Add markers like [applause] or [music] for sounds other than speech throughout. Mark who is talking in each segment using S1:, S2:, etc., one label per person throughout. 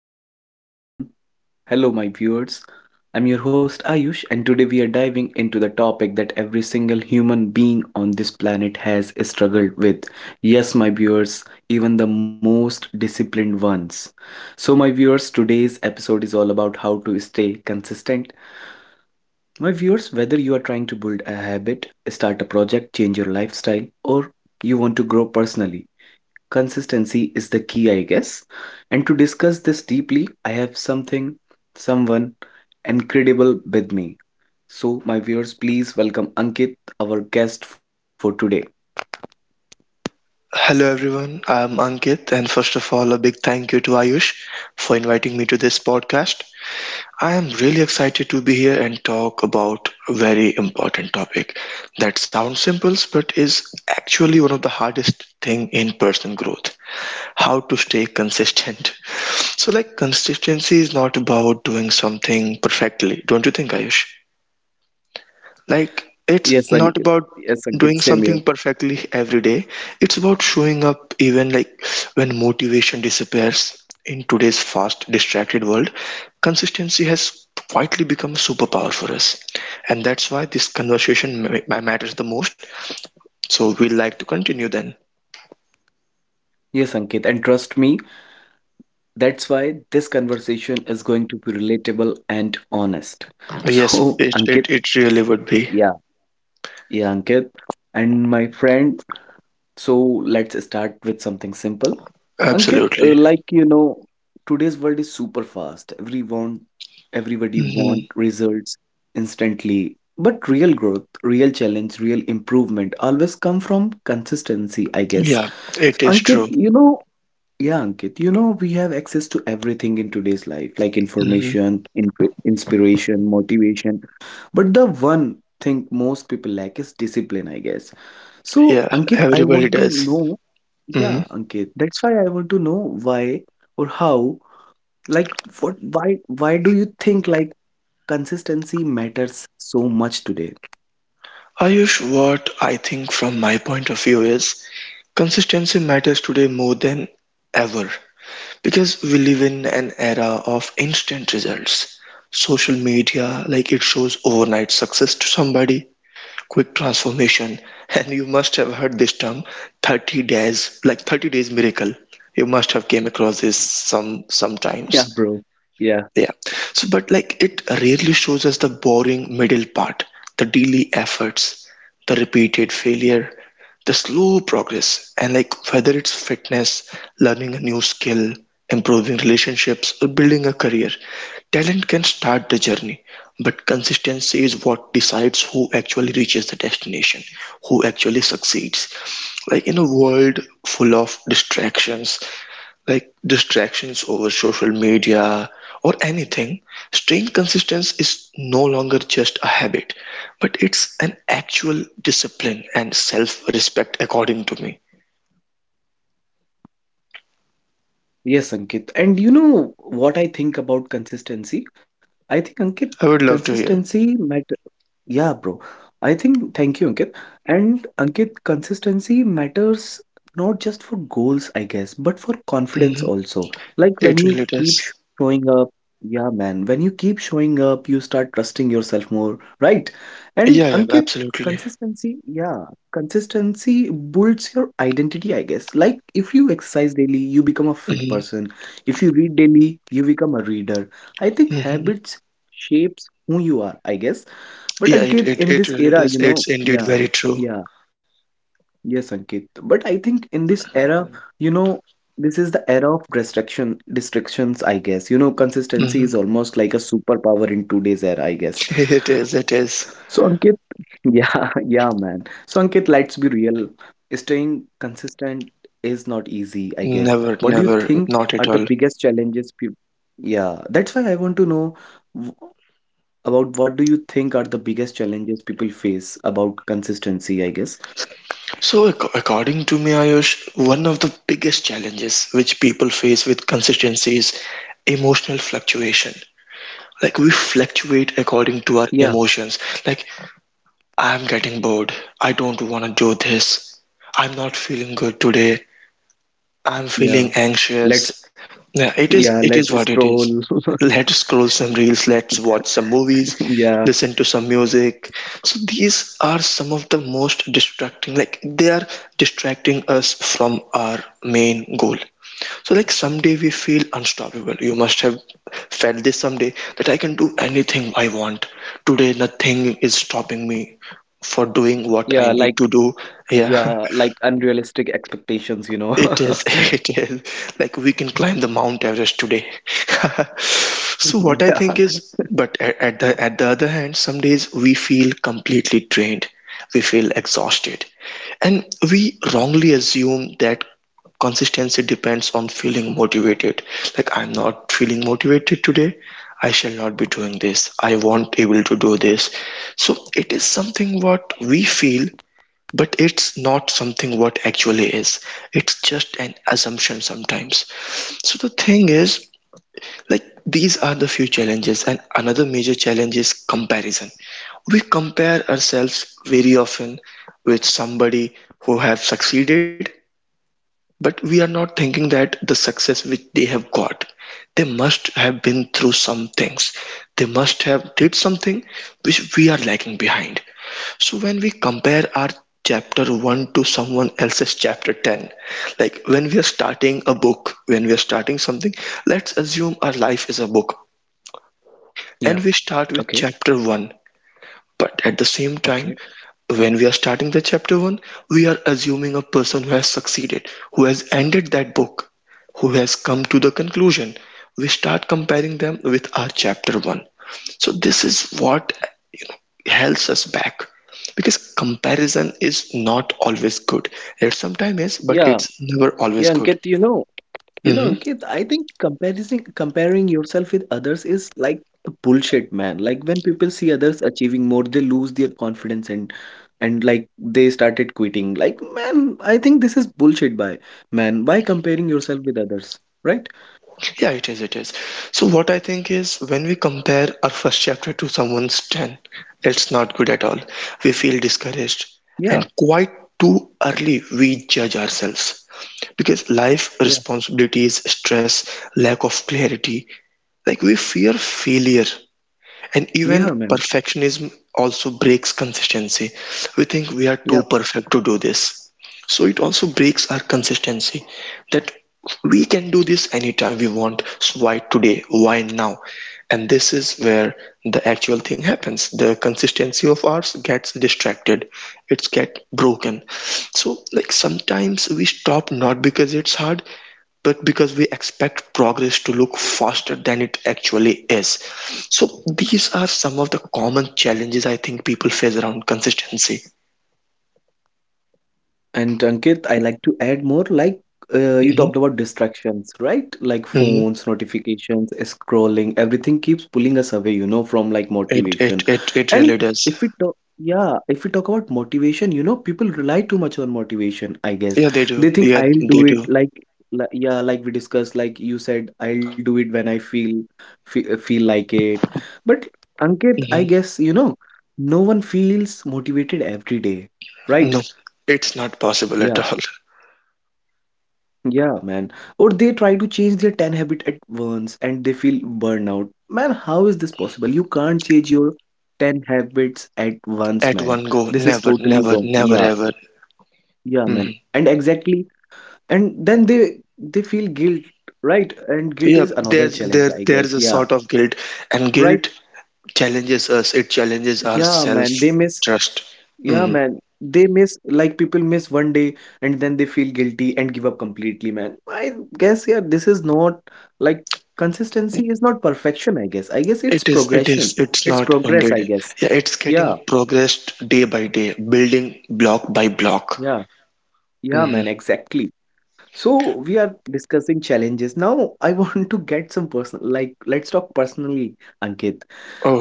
S1: podcast, everyone. Hello, my viewers. I'm your host Ayush, and today we are diving into the topic that every single human being on this planet has struggled with. Yes, my viewers, even the most disciplined ones. So, my viewers, today's episode is all about how to stay consistent. My viewers, whether you are trying to build a habit, start a project, change your lifestyle, or you want to grow personally, consistency is the key, I guess. And to discuss this deeply, I have someone incredible with me. So, my viewers, please welcome Ankit, our guest for today.
S2: Hello everyone, I'm Ankit, and first of all, a big thank you to Ayush for inviting me to this podcast. I am really excited to be here and talk about a very important topic that sounds simple but is actually one of the hardest thing in personal growth. How to stay consistent. [laughs] So like consistency is not about doing something perfectly, don't you think Ayush? Like,
S1: Yes,
S2: it's not
S1: Ankit.
S2: about
S1: Yes, Ankit,
S2: doing
S1: same here.
S2: something perfectly every day. It's about showing up even like when motivation disappears. In today's fast, distracted world, consistency has quietly become a superpower for us. And that's why this conversation matters the most. So we'd like to continue then.
S1: Yes, Ankit, and trust me, that's why this conversation is going to be relatable and honest.
S2: Yes,
S1: So, [laughs]
S2: it,
S1: Ankit,
S2: it, it really would be.
S1: yeah. yeah, Ankit, and my friend, So let's start with something simple. Ankit,
S2: Absolutely.
S1: today's world is super fast. Everybody want
S2: Hmm.
S1: results instantly. But real growth, real challenge, real improvement always come from consistency, I guess.
S2: Yeah,
S1: So,
S2: it is true.
S1: Ankit, you know, we have access to everything in today's life, like
S2: Hmm.
S1: information, in inspiration, motivation. But the one thing most people lack is discipline, I guess. So,
S2: Yeah, everybody does. Mm-hmm.
S1: Ankit, that's why I want to know why or how, like, what, why do you think like consistency matters so much today?
S2: Ayush, what I think from my point of view is consistency matters today more than ever because we live in an era of instant results. Social media, like it shows overnight success to somebody, quick transformation, [laughs] and you must have heard this term 30 days, like 30 days miracle. You must have came across this
S1: Yeah,
S2: sometimes.
S1: bro.
S2: Yeah. So, but like it rarely shows us the boring middle part, the daily efforts, the repeated failure, the slow progress, and like whether it's fitness, learning a new skill, improving relationships, or building a career. Talent can start the journey, but consistency is what decides who actually reaches the destination, who actually succeeds. Like in a world full of distractions, like distractions over social media or anything, staying consistent is no longer just a habit, but it's an actual discipline and self respect, according to me.
S1: Yes, Ankit. And you know what I think about consistency? I think, Ankit,
S2: I would love to hear.
S1: consistency matter. Yeah, bro. I think, thank you, Ankit. And Ankit, consistency matters not just for goals, I guess, but for
S2: Hmm.
S1: confidence also.
S2: It really does.
S1: When you keep showing up, you start trusting yourself more, right? And
S2: Yeah, yeah, absolutely.
S1: Consistency, yeah, consistency builds your identity, I guess. Like if you exercise daily, you become a fit
S2: Mm-hmm.
S1: person. If you read daily, you become a reader. I think
S2: Mm-hmm.
S1: habits shapes who you are, I guess,
S2: Yeah,
S1: but
S2: it, it,
S1: Ankit, in
S2: it
S1: this
S2: really
S1: era,
S2: does.
S1: you
S2: It's
S1: know,
S2: indeed
S1: yeah,
S2: very true.
S1: yeah, yes, Ankit, but I think in this era, you know, this is the era of restrictions, I guess. You know, consistency
S2: Mm-hmm.
S1: is almost like a superpower in today's era, I
S2: [laughs]
S1: guess.
S2: It is, it is.
S1: So, Ankit, [laughs] Ankit, let's be real. Staying consistent is not easy, I guess.
S2: Never,
S1: What do you
S2: never,
S1: think
S2: not at
S1: are
S2: all.
S1: the biggest challenges? People? Yeah, that's why I want to know about what do you think are the biggest challenges people face about consistency, I guess?
S2: So, according to me, Ayush, one of the biggest challenges which people face with consistency is emotional fluctuation. Like, we fluctuate according to our
S1: Yeah,
S2: emotions. Like, I'm getting bored. I don't want to do this. I'm not feeling good today. I'm
S1: yeah.
S2: feeling
S1: Let's
S2: anxious. Yeah,
S1: [laughs] yeah,
S2: it is
S1: let's
S2: what it is.
S1: scroll. [laughs]
S2: Let's scroll some reels, let's watch some movies,
S1: Yeah,
S2: listen to some music. So these are some of the most distracting, like they are distracting us from our main goal. So like someday we feel unstoppable. You must have felt this someday that I can do anything I want. Today nothing is stopping me for doing what I
S1: yeah,
S2: need
S1: like
S2: to do. Yeah.
S1: yeah, like unrealistic expectations, you know.
S2: It
S1: [laughs]
S2: is, [laughs] it is. Like we can climb the Mount Everest today. [laughs] So what I
S1: Yeah.
S2: think is, but at the other hand, some days we feel completely drained. We feel exhausted. And we wrongly assume that consistency depends on feeling motivated. Like I'm not feeling motivated today. I shall not be doing this. I won't able to do this. So it is something what we feel but it's not something what actually is. It's just an assumption sometimes. So the thing is, like these are the few challenges, and another major challenge is comparison. We compare ourselves very often with somebody who have succeeded, but we are not thinking that the success which they have got, they must have been through some things. They must have did something which we are lagging behind. So when we compare our chapter 1 to someone else's chapter 10, like when we are starting a book, when we are starting something, let's assume our life is a book
S1: Yeah.
S2: and we start
S1: Okay.
S2: with chapter 1. But at the same
S1: Okay.
S2: time, when we are starting the chapter one, we are assuming a person who has succeeded, who has ended that book, who has come to the conclusion. We start comparing them with our chapter one. So this is what you know helps us back because comparison is not always good. It sometimes is, but
S1: Yeah.
S2: it's never always
S1: Yeah,
S2: good.
S1: Ankit, you know,
S2: Mm-hmm.
S1: Ankit, I think comparison comparing yourself with others is like the bullshit, man. Like when people see others achieving more, they lose their confidence and like they started quitting. Like, man, I think this is bullshit by man. Why comparing yourself with others? Right?
S2: Yeah, it is, it is. So what I think is when we compare our first chapter to someone's 10, it's not good at all. We feel discouraged
S1: Yeah,
S2: and quite too early we judge ourselves because life
S1: yeah.
S2: responsibilities, stress, lack of clarity, like we fear failure and even
S1: Yeah, man.
S2: perfectionism also breaks consistency. We think we are
S1: Yeah.
S2: too perfect to do this. So it also breaks our consistency that we can do this anytime we want. So why today? Why now? And this is where the actual thing happens. The consistency of ours gets distracted. It's get broken. So like sometimes we stop not because it's hard, but because we expect progress to look faster than it actually is. So these are some of the common challenges I think people face around consistency.
S1: And Ankit, I like to add more like you
S2: Hmm.
S1: talked about distractions, right? Like
S2: Hmm.
S1: phones, notifications, scrolling, everything keeps pulling us away, you know, from like
S2: It, it
S1: motivation.
S2: it it
S1: And
S2: really does.
S1: if we talk about motivation, you know, people rely too much on motivation, I guess.
S2: Yeah, they do.
S1: They think
S2: Yeah,
S1: I'll do
S2: they
S1: it
S2: do.
S1: like yeah, like we discussed, like you said, I'll do it when I feel like it. But Ankit, I
S2: Hmm.
S1: guess, you know, no one feels motivated every day, right?
S2: No, it's not possible at all. [laughs]
S1: Yeah, man. Or they try to change their 10 habit at once and they feel burnout. Man, how is this possible? You can't change your 10 habits at once,
S2: At
S1: man.
S2: one
S1: This
S2: go,
S1: is
S2: never,
S1: totally wrong.
S2: never, never,
S1: Yeah,
S2: ever.
S1: yeah, man.
S2: Hmm.
S1: And exactly. And then they feel guilt, right? And guilt
S2: Yeah,
S1: is another
S2: there's
S1: challenge,
S2: there
S1: I guess.
S2: there's a
S1: Yeah,
S2: sort of guilt, and guilt
S1: right.
S2: challenges us. It challenges our
S1: Yeah,
S2: self
S1: man. They miss
S2: trust.
S1: Yeah, man. They miss like People miss one day and then they feel guilty and give up completely, man. This is not like consistency is not perfection, I guess. I guess it's
S2: It is,
S1: progression.
S2: it's
S1: It's
S2: not
S1: progress, I
S2: indeed.
S1: guess.
S2: Yeah, it's getting
S1: Yeah,
S2: progressed day by day, building block by block.
S1: yeah, yeah, man,
S2: Hmm.
S1: exactly. So we are discussing challenges. Now I [laughs] want to get some personal like let's talk personally, Ankit.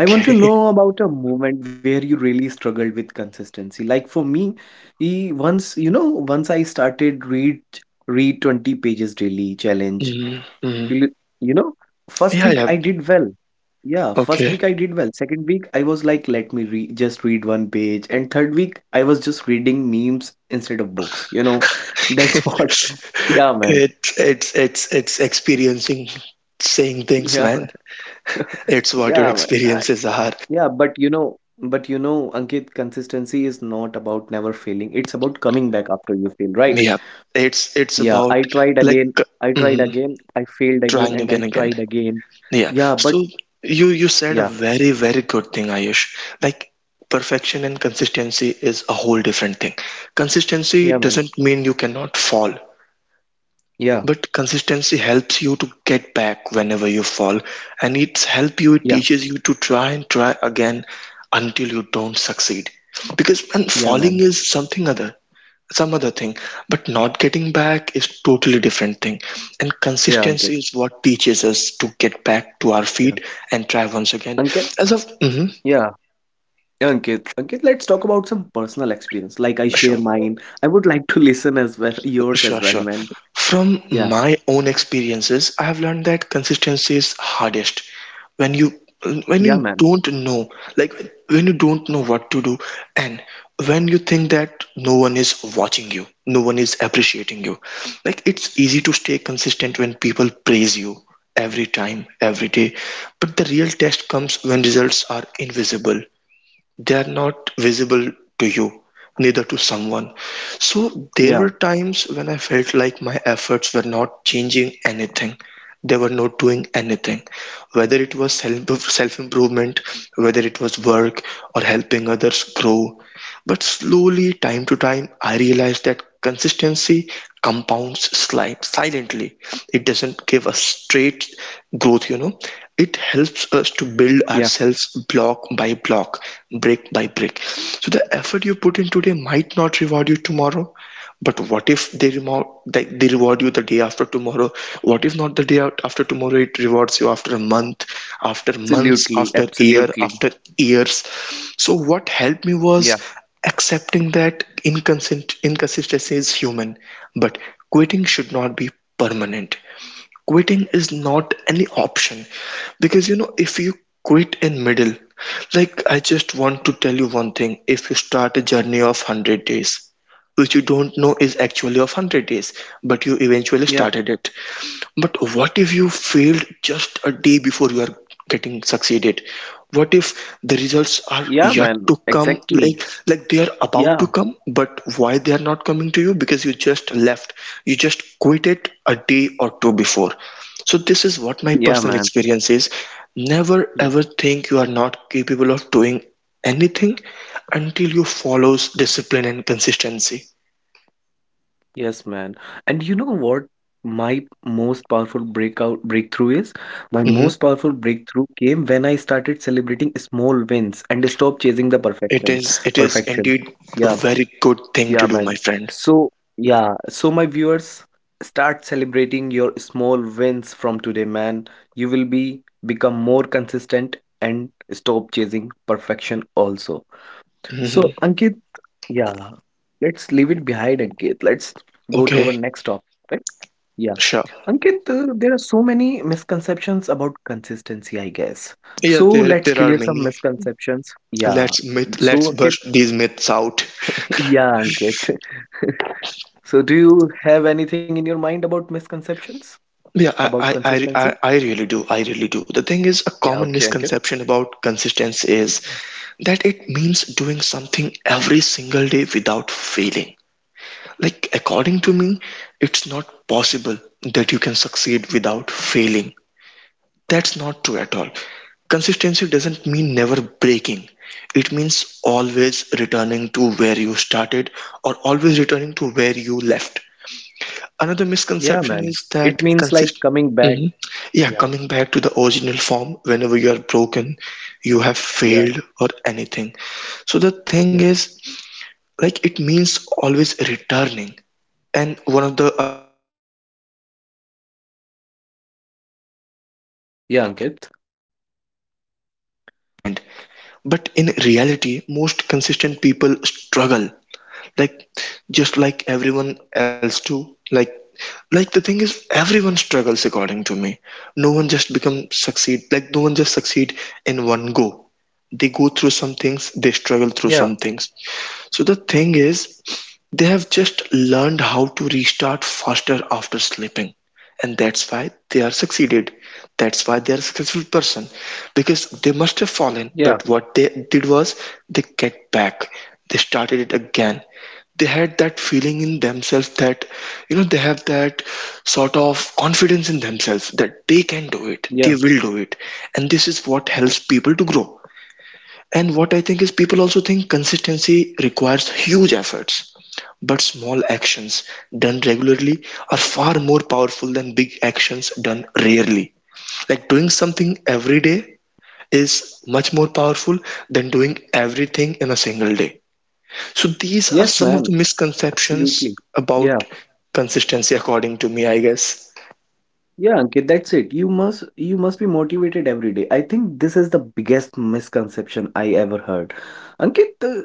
S1: I want to
S2: [laughs]
S1: know about a moment where you really struggled with consistency. Like for me, once I started read 20 pages daily challenge.
S2: Mm-hmm.
S1: You, you know, first
S2: Yeah,
S1: week
S2: yeah.
S1: I did well. Yeah, first
S2: Okay.
S1: week I did well. Second week I was like, let me re just read one page. And third week I was just reading memes instead of books. You know, that's what.
S2: [laughs]
S1: [laughs] Yeah, man.
S2: It's experiencing saying things,
S1: Yeah,
S2: man.
S1: man. [laughs]
S2: It's what your
S1: Yeah, man.
S2: experiences are.
S1: Yeah, but you know, Ankit, consistency is not about never failing. It's about coming back after you fail, right?
S2: Yeah. It's
S1: Yeah, I
S2: about
S1: tried
S2: like
S1: again, I tried
S2: mhm,
S1: again, I failed again,
S2: trying
S1: and
S2: again
S1: I
S2: again.
S1: tried again.
S2: Yeah.
S1: Yeah, but
S2: So you said a
S1: yeah,
S2: very, very good thing, Ayush. Like perfection and consistency is a whole different thing. Consistency
S1: yeah, man.
S2: doesn't mean you cannot fall,
S1: Yeah,
S2: but consistency helps you to get back whenever you fall, and it's help you, it
S1: yeah,
S2: teaches you to try and try again until you don't succeed. Because man,
S1: yeah,
S2: falling
S1: man.
S2: is some other thing but not getting back is totally different thing and
S1: Yeah,
S2: consistency
S1: Ankit.
S2: is what teaches us to get back to our
S1: Yeah,
S2: feet and try once again
S1: Ankit.
S2: as of mhm,
S1: Yeah. Yeah, Ankit, let's talk about some personal experience. Like I
S2: sure.
S1: share mine. I would like to [laughs] listen as well, yours
S2: Sure,
S1: as well,
S2: sure.
S1: man.
S2: From
S1: Yeah,
S2: my own experiences, I have learned that consistency is hardest when you
S1: yeah,
S2: when you
S1: man.
S2: don't know, like when you don't know what to do, and when you think that no one is watching you, no one is appreciating you. Like it's easy to stay consistent when people praise you every time, every day, but the real test comes when results are invisible they are not visible to you, neither to someone. So there
S1: Yeah,
S2: were times when I felt like my efforts were not changing anything. They were not doing anything. Whether it was self improvement, whether it was work or helping others grow, but slowly, time to time, I realized that consistency compounds silently. It doesn't give us straight growth, you know. It helps us to build
S1: yeah,
S2: ourselves block by block, brick by brick. So the effort you put in today might not reward you tomorrow, but what if they they reward you the day after tomorrow? What if not the day after tomorrow? It rewards you after a month, after months, after year,
S1: absolutely.
S2: after years. So what helped me
S1: Yeah,
S2: was accepting that inconsistency is human, but quitting should not be permanent, quitting is not any option because you know if you quit in middle, like I just want to tell you one thing, if you start a journey of 100 days which you don't know is actually of 100 days but you eventually
S1: yeah.
S2: started it, but what if you failed just a day before you are getting succeeded? What if the results are
S1: Yeah,
S2: yet
S1: man.
S2: to come,
S1: Exactly.
S2: like they are
S1: Yeah.
S2: about to come, but why they are not coming to you? Because you just left, you just quit it a day or two before. So this is what my
S1: Yeah,
S2: personal
S1: man.
S2: experience is. Never
S1: Yeah.
S2: ever think you are not capable of doing anything until you follows discipline and consistency.
S1: Yes, man. And you know what my most powerful breakout breakthrough is? My
S2: Mhm.
S1: most powerful breakthrough came when I started celebrating small wins and stopped chasing the
S2: It
S1: perfection.
S2: is, it is
S1: Perfection.
S2: indeed a
S1: Yeah.
S2: very good thing to
S1: Yeah,
S2: do, my
S1: man.
S2: friend.
S1: So, yeah. So my viewers, start celebrating your small wins from today, man. You will be Become more consistent and stop chasing perfection also. So,
S2: Mhm.
S1: Ankit, yeah, let's leave it behind, Ankit. Let's go to
S2: Okay,
S1: our next topic. Yeah.
S2: sure.
S1: Ankit, there are so many misconceptions about consistency, I guess. So
S2: Yeah, there
S1: let's
S2: there
S1: clear
S2: are
S1: some
S2: many.
S1: misconceptions. Yeah.
S2: Let's myth let's
S1: So, Ankit,
S2: bust these myths out.
S1: [laughs] yeah, Ankit. [laughs] So, do you have anything in your mind about misconceptions
S2: Yeah,
S1: about
S2: I, I, I,
S1: consistency?
S2: I I really do. I really do. The thing is, a
S1: Yeah,
S2: common
S1: okay, Ankit.
S2: misconception about consistency is that it means doing something every single day without failing. Like, according to me, it's not possible that you can succeed without failing. That's not true at all. Consistency doesn't mean never breaking. It means always returning to where you started or always returning to where you left. Another
S1: Yeah,
S2: misconception
S1: man.
S2: is
S1: It
S2: that
S1: means like
S2: consist.
S1: coming back.
S2: Mhm. Yeah,
S1: Yeah,
S2: coming back to the original form whenever you are broken, you have
S1: yeah,
S2: failed or anything. So the thing
S1: yeah.
S2: is, like it means always returning. And one of the other misconceptions, what I think is, people are naturally
S1: Yeah,
S2: disciplined.
S1: Ankit.
S2: [laughs] They think they are naturally disciplined, but in reality, most consistent people struggle. Like just like everyone else too. Like the thing is everyone struggles according to me. No one just become succeed like no one just succeed in one go. They go through some things, they struggle
S1: Yeah,
S2: through some things. So the thing is they have just learned how to restart faster after sleeping, and that's why they are succeeded, that's why they are a successful person, because they must have
S1: yeah,
S2: fallen, but what they did was they get back, they started it again, they had that feeling in themselves that they have that sort of confidence in themselves that they can do it,
S1: yeah.
S2: they will do it. And this is what helps people to grow. And what I think is people also think consistency requires huge efforts, but small actions done regularly are far more powerful than big actions done rarely. Like doing something every day is much more powerful than doing everything in a single day. So these are
S1: Yes,
S2: some of
S1: man.
S2: the misconceptions
S1: Absolutely. Yeah.
S2: about consistency according to me, I guess.
S1: Yeah, Ankit, that's it. You must be motivated every day. I think this is the biggest misconception I ever heard. Ankit,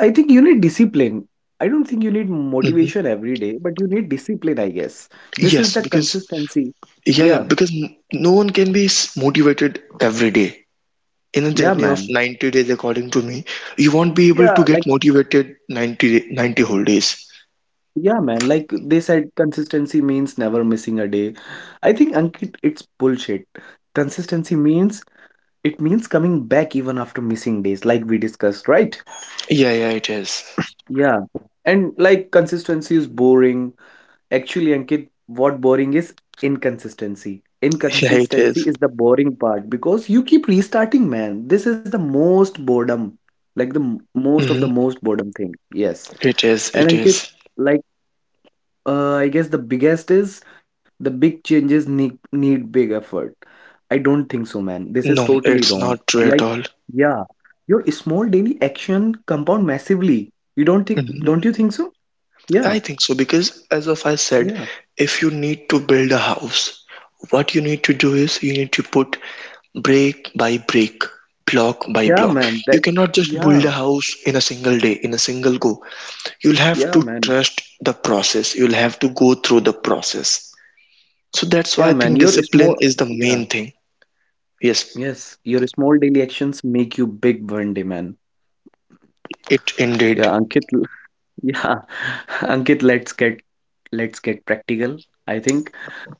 S1: I think you need discipline. I don't think you need
S2: Hmm.
S1: motivation every day, but you need discipline, I guess. This is
S2: Yes,
S1: the
S2: because
S1: consistency.
S2: yeah, yeah,
S1: Yeah,
S2: because no one can be motivated every day. In a
S1: yeah,
S2: journey of
S1: man.
S2: 90 days, according to me, you won't be able to
S1: Yeah, like
S2: get motivated 90 whole days.
S1: yeah, man. Like they said, consistency means never missing a day. I think Ankit, it's bullshit. Consistency means it means coming back even after missing days, like we discussed, right?
S2: Yeah, yeah, it is.
S1: Yeah. And like consistency is boring. Actually, Ankit, what boring is inconsistency.
S2: [laughs] yeah, it is.
S1: Inconsistency is the boring part because you keep restarting, man. This is the most boredom, like the
S2: Mhm.
S1: most boredom thing. Yes. And
S2: It
S1: Ankit,
S2: is
S1: like I guess the biggest is the big changes need big effort. I don't think so, man. This is
S2: No,
S1: totally
S2: it's
S1: wrong.
S2: not true at
S1: Like,
S2: all.
S1: yeah, your small daily action compound massively. You don't think,
S2: Mhm.
S1: Don't you think so?
S2: I
S1: Yeah,
S2: think so because, as of I said,
S1: yeah,
S2: if you need to build a house, what you need to do is you need to put brick by brick, block by
S1: yeah,
S2: block.
S1: man.
S2: You
S1: That,
S2: cannot just build a
S1: yeah,
S2: house in a single day, in a single go. You'll have
S1: yeah,
S2: to
S1: man.
S2: trust the process, you'll have to go through the process. So that's
S1: Yeah,
S2: why I
S1: man.
S2: think
S1: Your
S2: discipline
S1: small,
S2: is the
S1: yeah,
S2: main thing. Yes,
S1: yes. Your small daily actions make you big one day, man.
S2: it indeed.
S1: Yeah, Ankit. [laughs] Yeah, [laughs] Ankit. Let's get, let's get practical. I think.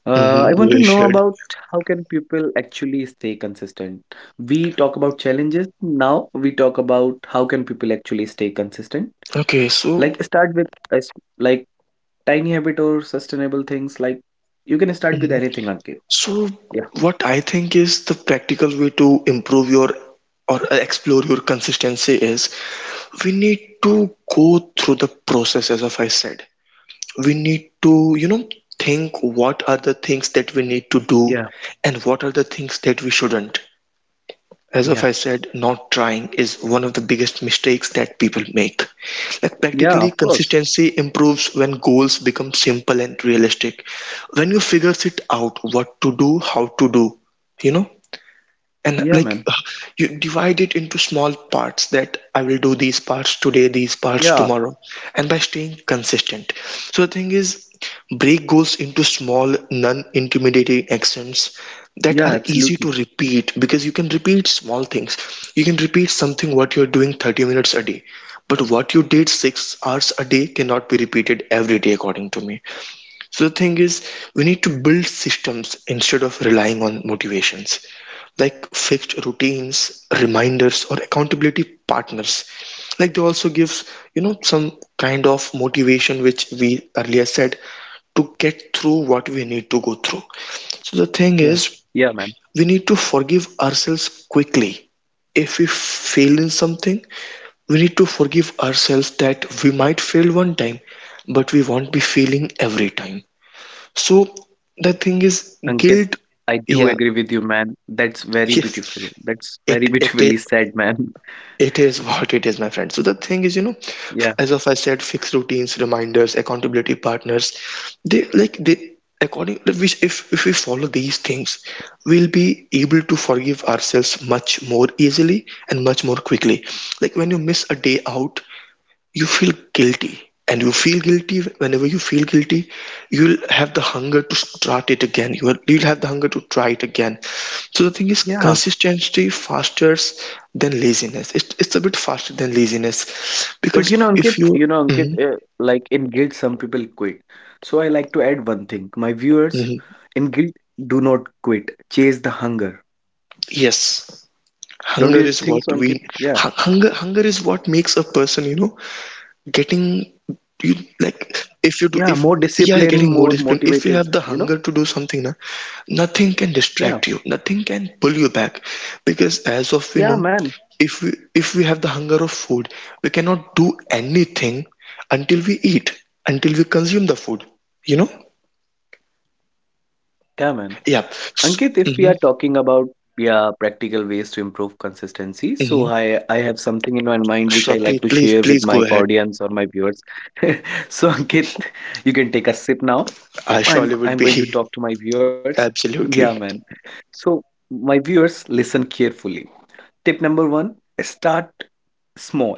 S2: Mm-hmm,
S1: I want to
S2: we
S1: know
S2: should.
S1: about how can people actually stay consistent. We talk about challenges. Now we talk about how can people actually stay consistent.
S2: Okay,
S1: Like
S2: so
S1: start with a s- like tiny habit or sustainable things. Like you can start with
S2: mhm.
S1: anything, Ankit.
S2: So
S1: Yeah,
S2: what I think is the practical way to improve your or explore your consistency is we need to go through the process. As of I said, we need to you know think what are the things that we need to do
S1: yeah,
S2: and what are the things that we shouldn't. As
S1: yeah,
S2: of I said, not trying is one of the biggest mistakes that people make. Like
S1: yeah, of
S2: practically,
S1: course.
S2: consistency improves when goals become simple and realistic. When you figures it out what to do, how to do, you know? And
S1: Yeah,
S2: like
S1: man.
S2: you divide it into small parts, that I will do these parts today, these parts
S1: Yeah,
S2: tomorrow, and by staying consistent. So the thing is, break goals into small non-intimidating actions that
S1: yeah,
S2: are easy
S1: absolutely.
S2: to repeat, because you can repeat small things, you can repeat something what you're doing 30 minutes a day, but what you did 6 hours a day cannot be repeated every day, according to me. So the thing is, we need to build systems instead of relying on motivations, like fixed routines, reminders, or accountability partners. Like they also gives, you know, some kind of motivation, which we earlier said, to get through what we need to go through. So the thing
S1: Yeah,
S2: is,
S1: yeah, man.
S2: we need to forgive ourselves quickly. If we fail in something, we need to forgive ourselves that we might fail one time, but we won't be failing every time. So the thing is,
S1: Ankit,
S2: guilt,
S1: I do
S2: yeah,
S1: agree with you, man. That's
S2: [laughs]
S1: very beautiful.
S2: yes,
S1: That's very [laughs]
S2: it is.
S1: beautifully said, man. [laughs]
S2: It is what it is, my friend. So the thing is, you know,
S1: Yeah,
S2: as of I said, fixed routines, reminders, accountability partners, they like they according if we if we follow these things, we'll be able to forgive ourselves much more easily and much more quickly. Like when you miss a day out, you feel guilty, and you feel guilty, whenever you feel guilty you'll have the hunger to start it again, you'll have the hunger to try it again. So the thing is,
S1: yeah.
S2: consistency faster than laziness, it's a bit faster than laziness
S1: But you
S2: because
S1: know,
S2: if
S1: Ankit,
S2: you mhm,
S1: like in guilt, some people quit. So I like to add one thing. My viewers,
S2: mhm.
S1: in guilt, do not quit. Chase the hunger.
S2: Yes,
S1: Don't you think so,
S2: hunger is
S1: Ankit?
S2: what
S1: Yeah,
S2: we hunger is what makes a person, you know, getting you like
S1: yeah, more
S2: if you do
S1: discipline,
S2: if
S1: more
S2: yeah you're getting more
S1: motivated,
S2: disciplined
S1: you
S2: if you
S1: know?
S2: have the hunger to do something na, nothing can
S1: Yeah,
S2: distract you, nothing can pull you back, because as of
S1: yeah,
S2: we know,
S1: man.
S2: if we have the hunger of food, we cannot do anything until we eat, until we consume the food, you know.
S1: Yeah, man.
S2: Yeah,
S1: Ankit, if we
S2: mm-hmm,
S1: are talking about yeah practical ways to improve consistency, so
S2: mm-hmm.
S1: I have something in my mind which
S2: Sure,
S1: I like to share with
S2: please
S1: my
S2: go ahead.
S1: audience or my viewers. [laughs] So Ankit, you can take a sip now.
S2: I
S1: I'm
S2: surely would
S1: I'm
S2: be.
S1: going to talk to my viewers.
S2: [laughs]
S1: Yeah,
S2: absolutely.
S1: man. So my viewers, listen carefully. Tip number one: start small.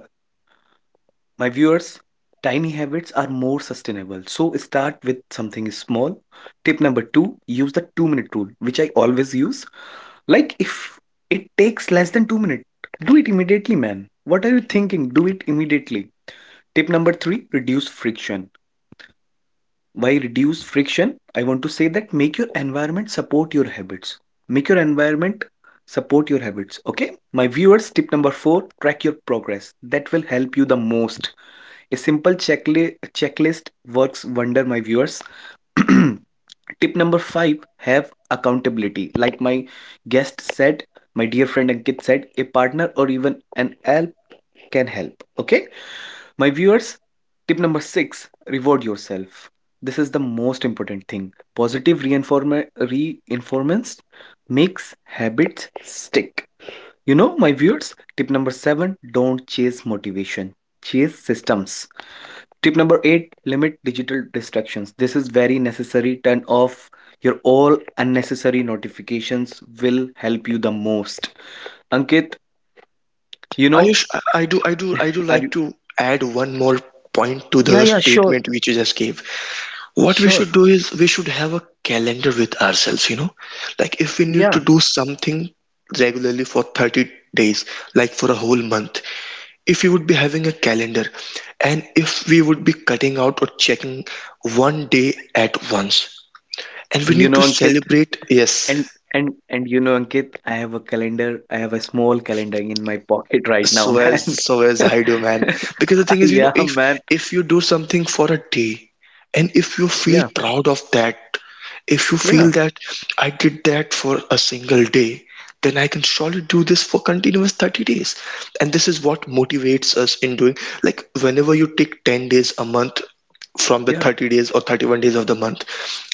S1: My viewers, tiny habits are more sustainable. So start with something small. Tip number two: use the two-minute rule, which I always use like if it takes less than 2 minutes, do it immediately, man. What are you thinking? Do it immediately. Tip number 3, reduce friction. Why reduce friction? I want to say that make your environment support your habits. Make your environment support your habits, okay? My viewers, tip number 4, track your progress. That will help you the most. A simple checklist works wonder, my viewers. [clears throat] Tip number five have accountability. Like my guest said, my dear friend Ankit said, a partner or even an help can help. Okay, my viewers, tip number six reward yourself. This is the most important thing. Positive reinformance makes habits stick. You know, my viewers, tip number seven don't chase motivation, chase systems. Tip number eight limit digital distractions. This is very necessary. Turn off your all unnecessary notifications, will help you the most. Ankit, you know,
S2: Ayush, I do
S1: are you?
S2: like to add one more point to
S1: Yeah,
S2: the
S1: yeah, sure,
S2: statement which you just gave. What we
S1: sure.
S2: should do is we should have a calendar with ourselves, you know, like if we need
S1: Yeah.
S2: to do something regularly for 30 days, like for a whole month, if we would be having a calendar, and if we would be cutting out or checking one day at once, and we
S1: And you
S2: need
S1: know,
S2: to
S1: Ankit,
S2: celebrate, yes,
S1: and and you know, Ankit, I have a calendar. I have a small calendar in my pocket right now, [laughs] man.
S2: so as I do, man. Because the thing
S1: [laughs]
S2: is, you know,
S1: Yeah, man.
S2: if you do something for a day, and if you feel
S1: Yeah,
S2: proud of that, if you feel
S1: yeah,
S2: that I did that for a single day, then I can surely do this for continuous 30 days. And this is what motivates us in doing. Like whenever you take 10 days a month from the
S1: yeah,
S2: 30 days or 31 days of the month,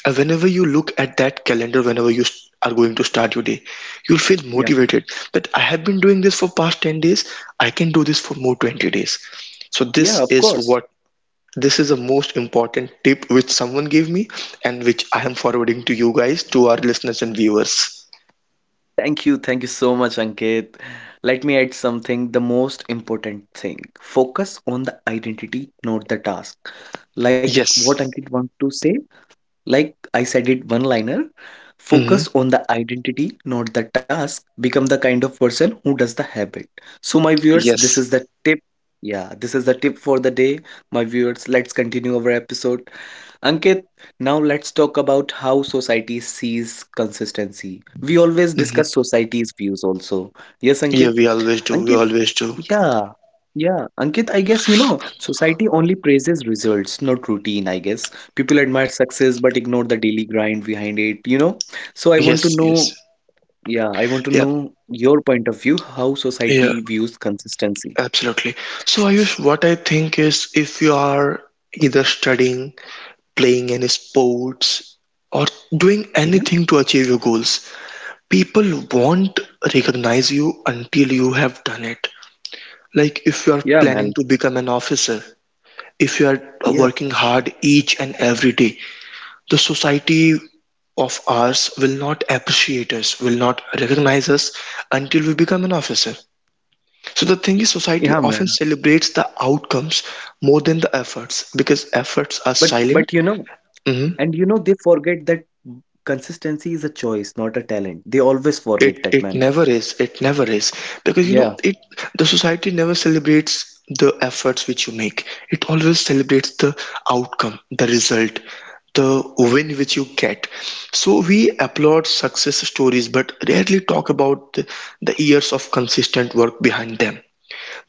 S2: and whenever you look at that calendar, whenever you are going to start your day, you'll feel
S1: yeah,
S2: motivated that I have been doing this for past 10 days, I can do this for more 20 days. So
S1: yeah. Of course.
S2: this is the most important tip which someone gave me and which I am forwarding to you guys, to our listeners and viewers.
S1: Thank you. Thank you so much, Ankit. Let me add something. The most important thing focus on the identity, not the task. Like what
S2: Yes.
S1: Ankit want to say, like I said it one liner
S2: Mm-hmm.
S1: focus on the identity, not the task. Become the kind of person who does the habit. So, my viewers, this is
S2: Yes.
S1: the tip. Yeah, this is the tip for the day. My viewers, let's continue our episode. Ankit, now let's talk about how society sees consistency. We always
S2: Mm-hmm.
S1: discuss society's views also. Yes,
S2: Yeah,
S1: Ankit?
S2: we always do. We
S1: Ankit,
S2: always do.
S1: yeah. Yeah, Ankit, I guess you know, society only praises results, not routine, I guess. People admire success but ignore the daily grind behind it, you know? So I want to
S2: Yes,
S1: know,
S2: yes.
S1: yeah, I want to
S2: Yeah,
S1: know your point of view, how
S2: yeah,
S1: society views consistency.
S2: absolutely. So, Ayush, what I think is if you are either studying, playing any sports, or doing
S1: Yeah,
S2: anything to achieve your goals. People won't recognize you until you have done it. Like if you are
S1: yeah,
S2: planning
S1: man.
S2: to become an officer, if you are
S1: Yeah,
S2: working hard each and every day, the society of ours will not appreciate us, will not recognize us until we become an officer. So the thing is, society
S1: yeah,
S2: often
S1: man.
S2: celebrates the outcomes more than the efforts, because efforts are
S1: But
S2: silent.
S1: but you know,
S2: Mhm.
S1: and you know, they forget that consistency is a choice, not a talent. They always forget
S2: It
S1: that,
S2: it
S1: man.
S2: never is. It never is. Because you know,
S1: Yeah,
S2: it the society never celebrates the efforts which you make. It always celebrates the outcome, the result, the win which you get. So we applaud success stories but rarely talk about the years of consistent work behind them.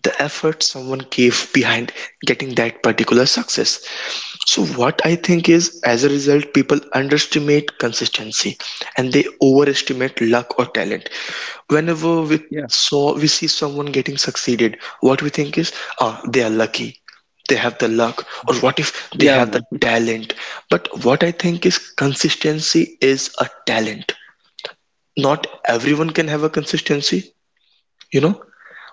S2: The effort someone gave behind getting that particular success. So, what I think is, as a result, people underestimate consistency and they overestimate luck or talent. Whenever we
S1: yeah,
S2: saw we see someone getting succeeded, what we think is ah, they are lucky, they have the luck, or what if they
S1: yeah,
S2: have the
S1: man.
S2: talent. But what I think is, consistency is a talent. Not everyone can have a consistency, you know.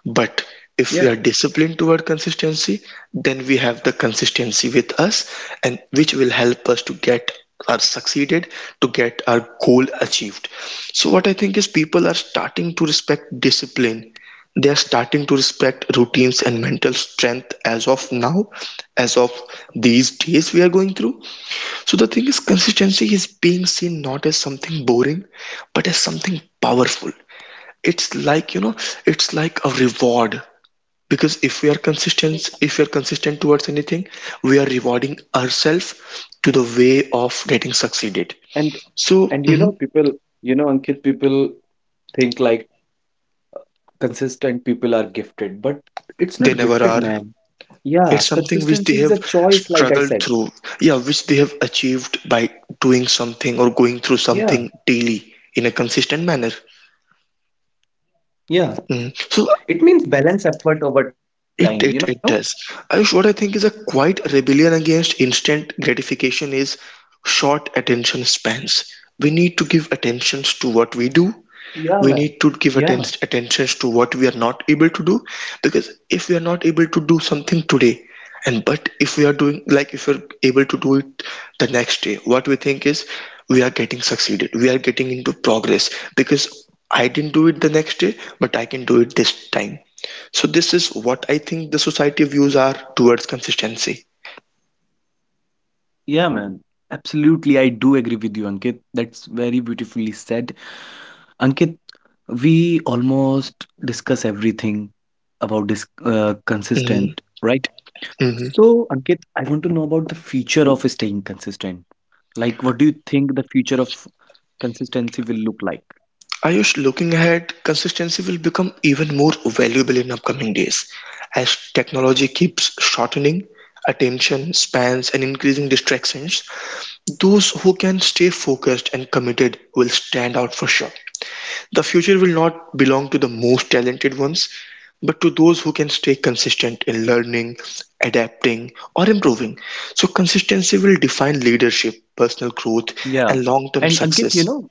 S2: But if
S1: Yeah.
S2: we are disciplined toward consistency, then we have the consistency with us, and which will help us to get our succeeded, to get our goal achieved. So what I think is, people are starting to respect discipline. They are starting to respect routines and mental strength as of now, as of these days we are going through. So the thing is, consistency is being seen not as something boring, but as something powerful. It's like, you know, it's like a reward, because if we are consistent towards anything, we are rewarding ourselves to the way of getting succeeded.
S1: And
S2: So
S1: and you know,
S2: mhm,
S1: people, you know, Ankit, people think like consistent people are gifted, but it's
S2: they
S1: not
S2: never
S1: gifted,
S2: are.
S1: man. Yeah,
S2: It's something which they
S1: consistency is
S2: have
S1: a choice, like I
S2: struggled
S1: said.
S2: through. Yeah, which they have achieved by doing something or going through
S1: Yeah,
S2: something daily in a consistent manner.
S1: yeah.
S2: Mhm.
S1: It means
S2: So
S1: balance effort over time, you know?
S2: it, it does. Ayush, what I think is a quite rebellion against instant gratification is short attention spans. We need to give attentions to what we do,
S1: Yeah, man.
S2: we need to
S1: Yeah,
S2: give attentions to what we are not able to do. Because if we are not able to do something today, and but if we are doing, like if we're able to do it the next day, what we think is we are getting succeeded, we are getting into progress, because I didn't do it the next day, but I can do it this time. So this is what I think the society views are towards consistency.
S1: yeah, man. Absolutely, I do agree with you, Ankit. That's very beautifully said. Ankit, we almost discuss everything about this
S2: Mm-hmm.
S1: consistent, right?
S2: Mm-hmm.
S1: So, Ankit, I want to know about the future of staying consistent. Like, what do you think the future of consistency will look like?
S2: Ayush, looking ahead, consistency will become even more valuable in upcoming days, as
S1: Yeah.
S2: technology keeps shortening attention spans and increasing distractions. Those who can stay focused and committed will stand out for sure. The future will not belong to the most talented ones, but to those who can stay consistent in learning, adapting, or improving. So, consistency will define leadership, personal growth,
S1: Yeah.
S2: and long term
S1: And Ankit, you
S2: success.
S1: know,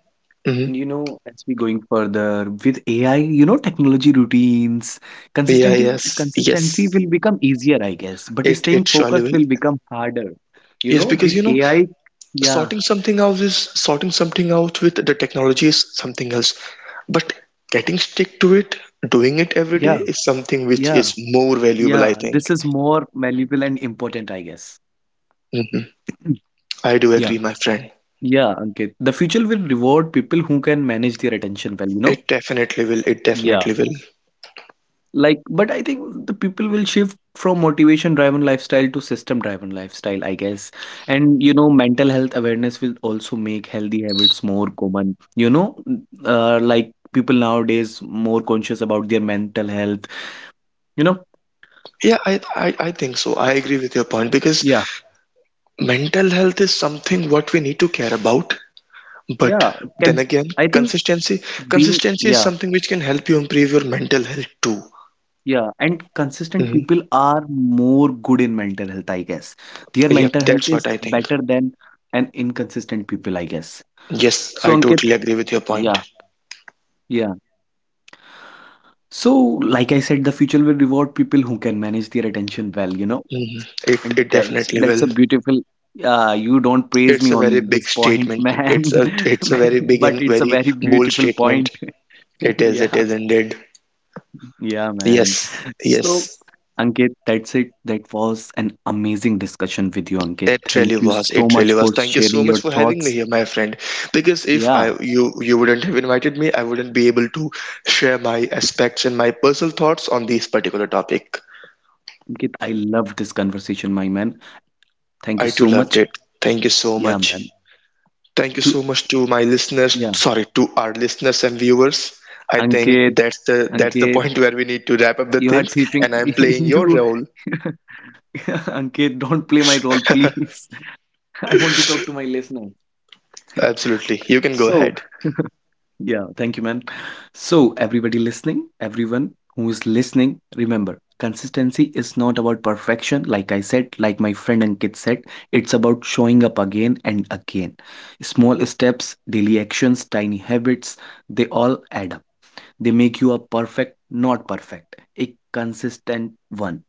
S2: Mhm.
S1: and you know, as we going further with AI, you know, technology routines,
S2: Yeah,
S1: consistency
S2: yes,
S1: consistency
S2: yes,
S1: will become easier, I guess, but
S2: It
S1: staying
S2: it surely
S1: focused
S2: will.
S1: will become harder. You
S2: Yes,
S1: know,
S2: because
S1: with
S2: you know,
S1: AI, yeah,
S2: sorting something out is sorting something out with the technology is something else. But getting stick to it, doing it every day
S1: yeah,
S2: is something which
S1: yeah,
S2: is more valuable, I
S1: yeah. This
S2: think.
S1: is more valuable and important, I guess.
S2: Hmm.
S1: Mm.
S2: I do
S1: Yeah,
S2: agree, my friend.
S1: yeah, Ankit. The future will reward people who can manage their attention well, you know?
S2: It definitely will. It
S1: Yeah.
S2: definitely will.
S1: Like, but I think the people will shift from motivation driven lifestyle to system driven lifestyle, I guess. And you know, mental health awareness will also make healthy habits more common. You know, like people nowadays more conscious about their mental health. You know,
S2: Yeah, I think so. I agree with your point because
S1: yeah,
S2: mental health is something what we need to care about. But
S1: yeah.
S2: then
S1: Can
S2: again,
S1: I think
S2: consistency
S1: being
S2: consistency is
S1: yeah,
S2: something which can help you improve your mental health too.
S1: yeah, and consistent
S2: Mm-hmm.
S1: people are more good in mental health, I guess. Their
S2: Yep,
S1: mental health
S2: that's
S1: is
S2: what I think.
S1: better than an inconsistent people, I guess.
S2: Yes,
S1: So
S2: I
S1: Ankit,
S2: totally agree with your
S1: yeah,
S2: point.
S1: yeah. So, like I said, the future will reward people who can manage their attention well, you know,
S2: Mhm. It
S1: and
S2: it
S1: that's
S2: definitely
S1: that's
S2: will.
S1: a beautiful. You don't praise
S2: It's
S1: me
S2: a very
S1: on this
S2: big
S1: point, [laughs]
S2: statement. It's
S1: man,
S2: a
S1: man,
S2: very big
S1: but
S2: and
S1: it's a
S2: very
S1: very
S2: bold
S1: beautiful point.
S2: statement.
S1: [laughs] Yeah,
S2: It is indeed.
S1: yeah, man.
S2: Yes,
S1: So,
S2: yes.
S1: Ankit, that's it. That was an amazing discussion with you, Ankit.
S2: It
S1: Thank
S2: really
S1: you
S2: was.
S1: so
S2: It
S1: much
S2: really was.
S1: for
S2: Thank you
S1: sharing
S2: so
S1: your
S2: much for having me
S1: thoughts.
S2: here, my friend. Because if I
S1: Yeah,
S2: you you wouldn't have invited me, I wouldn't be able to share my aspects and my personal thoughts on this particular topic.
S1: Ankit, I loved this conversation, my man. Thank you
S2: I
S1: so
S2: too loved
S1: much.
S2: it. Thank you so
S1: Yeah, man.
S2: much. Thank you
S1: To
S2: so much to my listeners,
S1: yeah,
S2: sorry, to our listeners and viewers. I think
S1: Ankit,
S2: that's the
S1: Ankit.
S2: point [laughs] where we need to wrap up the
S1: You are
S2: things,
S1: thieving.
S2: and
S1: [laughs]
S2: I'm playing your
S1: you
S2: role.
S1: [laughs] Ankit, don't play my role,
S2: [laughs]
S1: please. [laughs] I want to talk to my listener.
S2: Absolutely. You can go
S1: So,
S2: ahead.
S1: yeah, thank you, man. So, everybody listening, everyone who is listening, remember consistency is not about perfection. Like I said, like my friend Ankit said, it's about showing up again and again. Small steps, daily actions, tiny habits, they all add up. They make you a perfect, not perfect, a consistent one.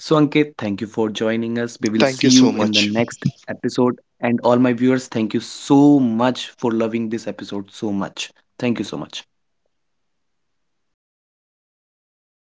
S1: So, Ankit, thank you for joining us. We will
S2: Thank
S1: see
S2: you
S1: you
S2: so
S1: in the
S2: much.
S1: next episode. And all my viewers, thank you so much for loving this episode so much. Thank you so much.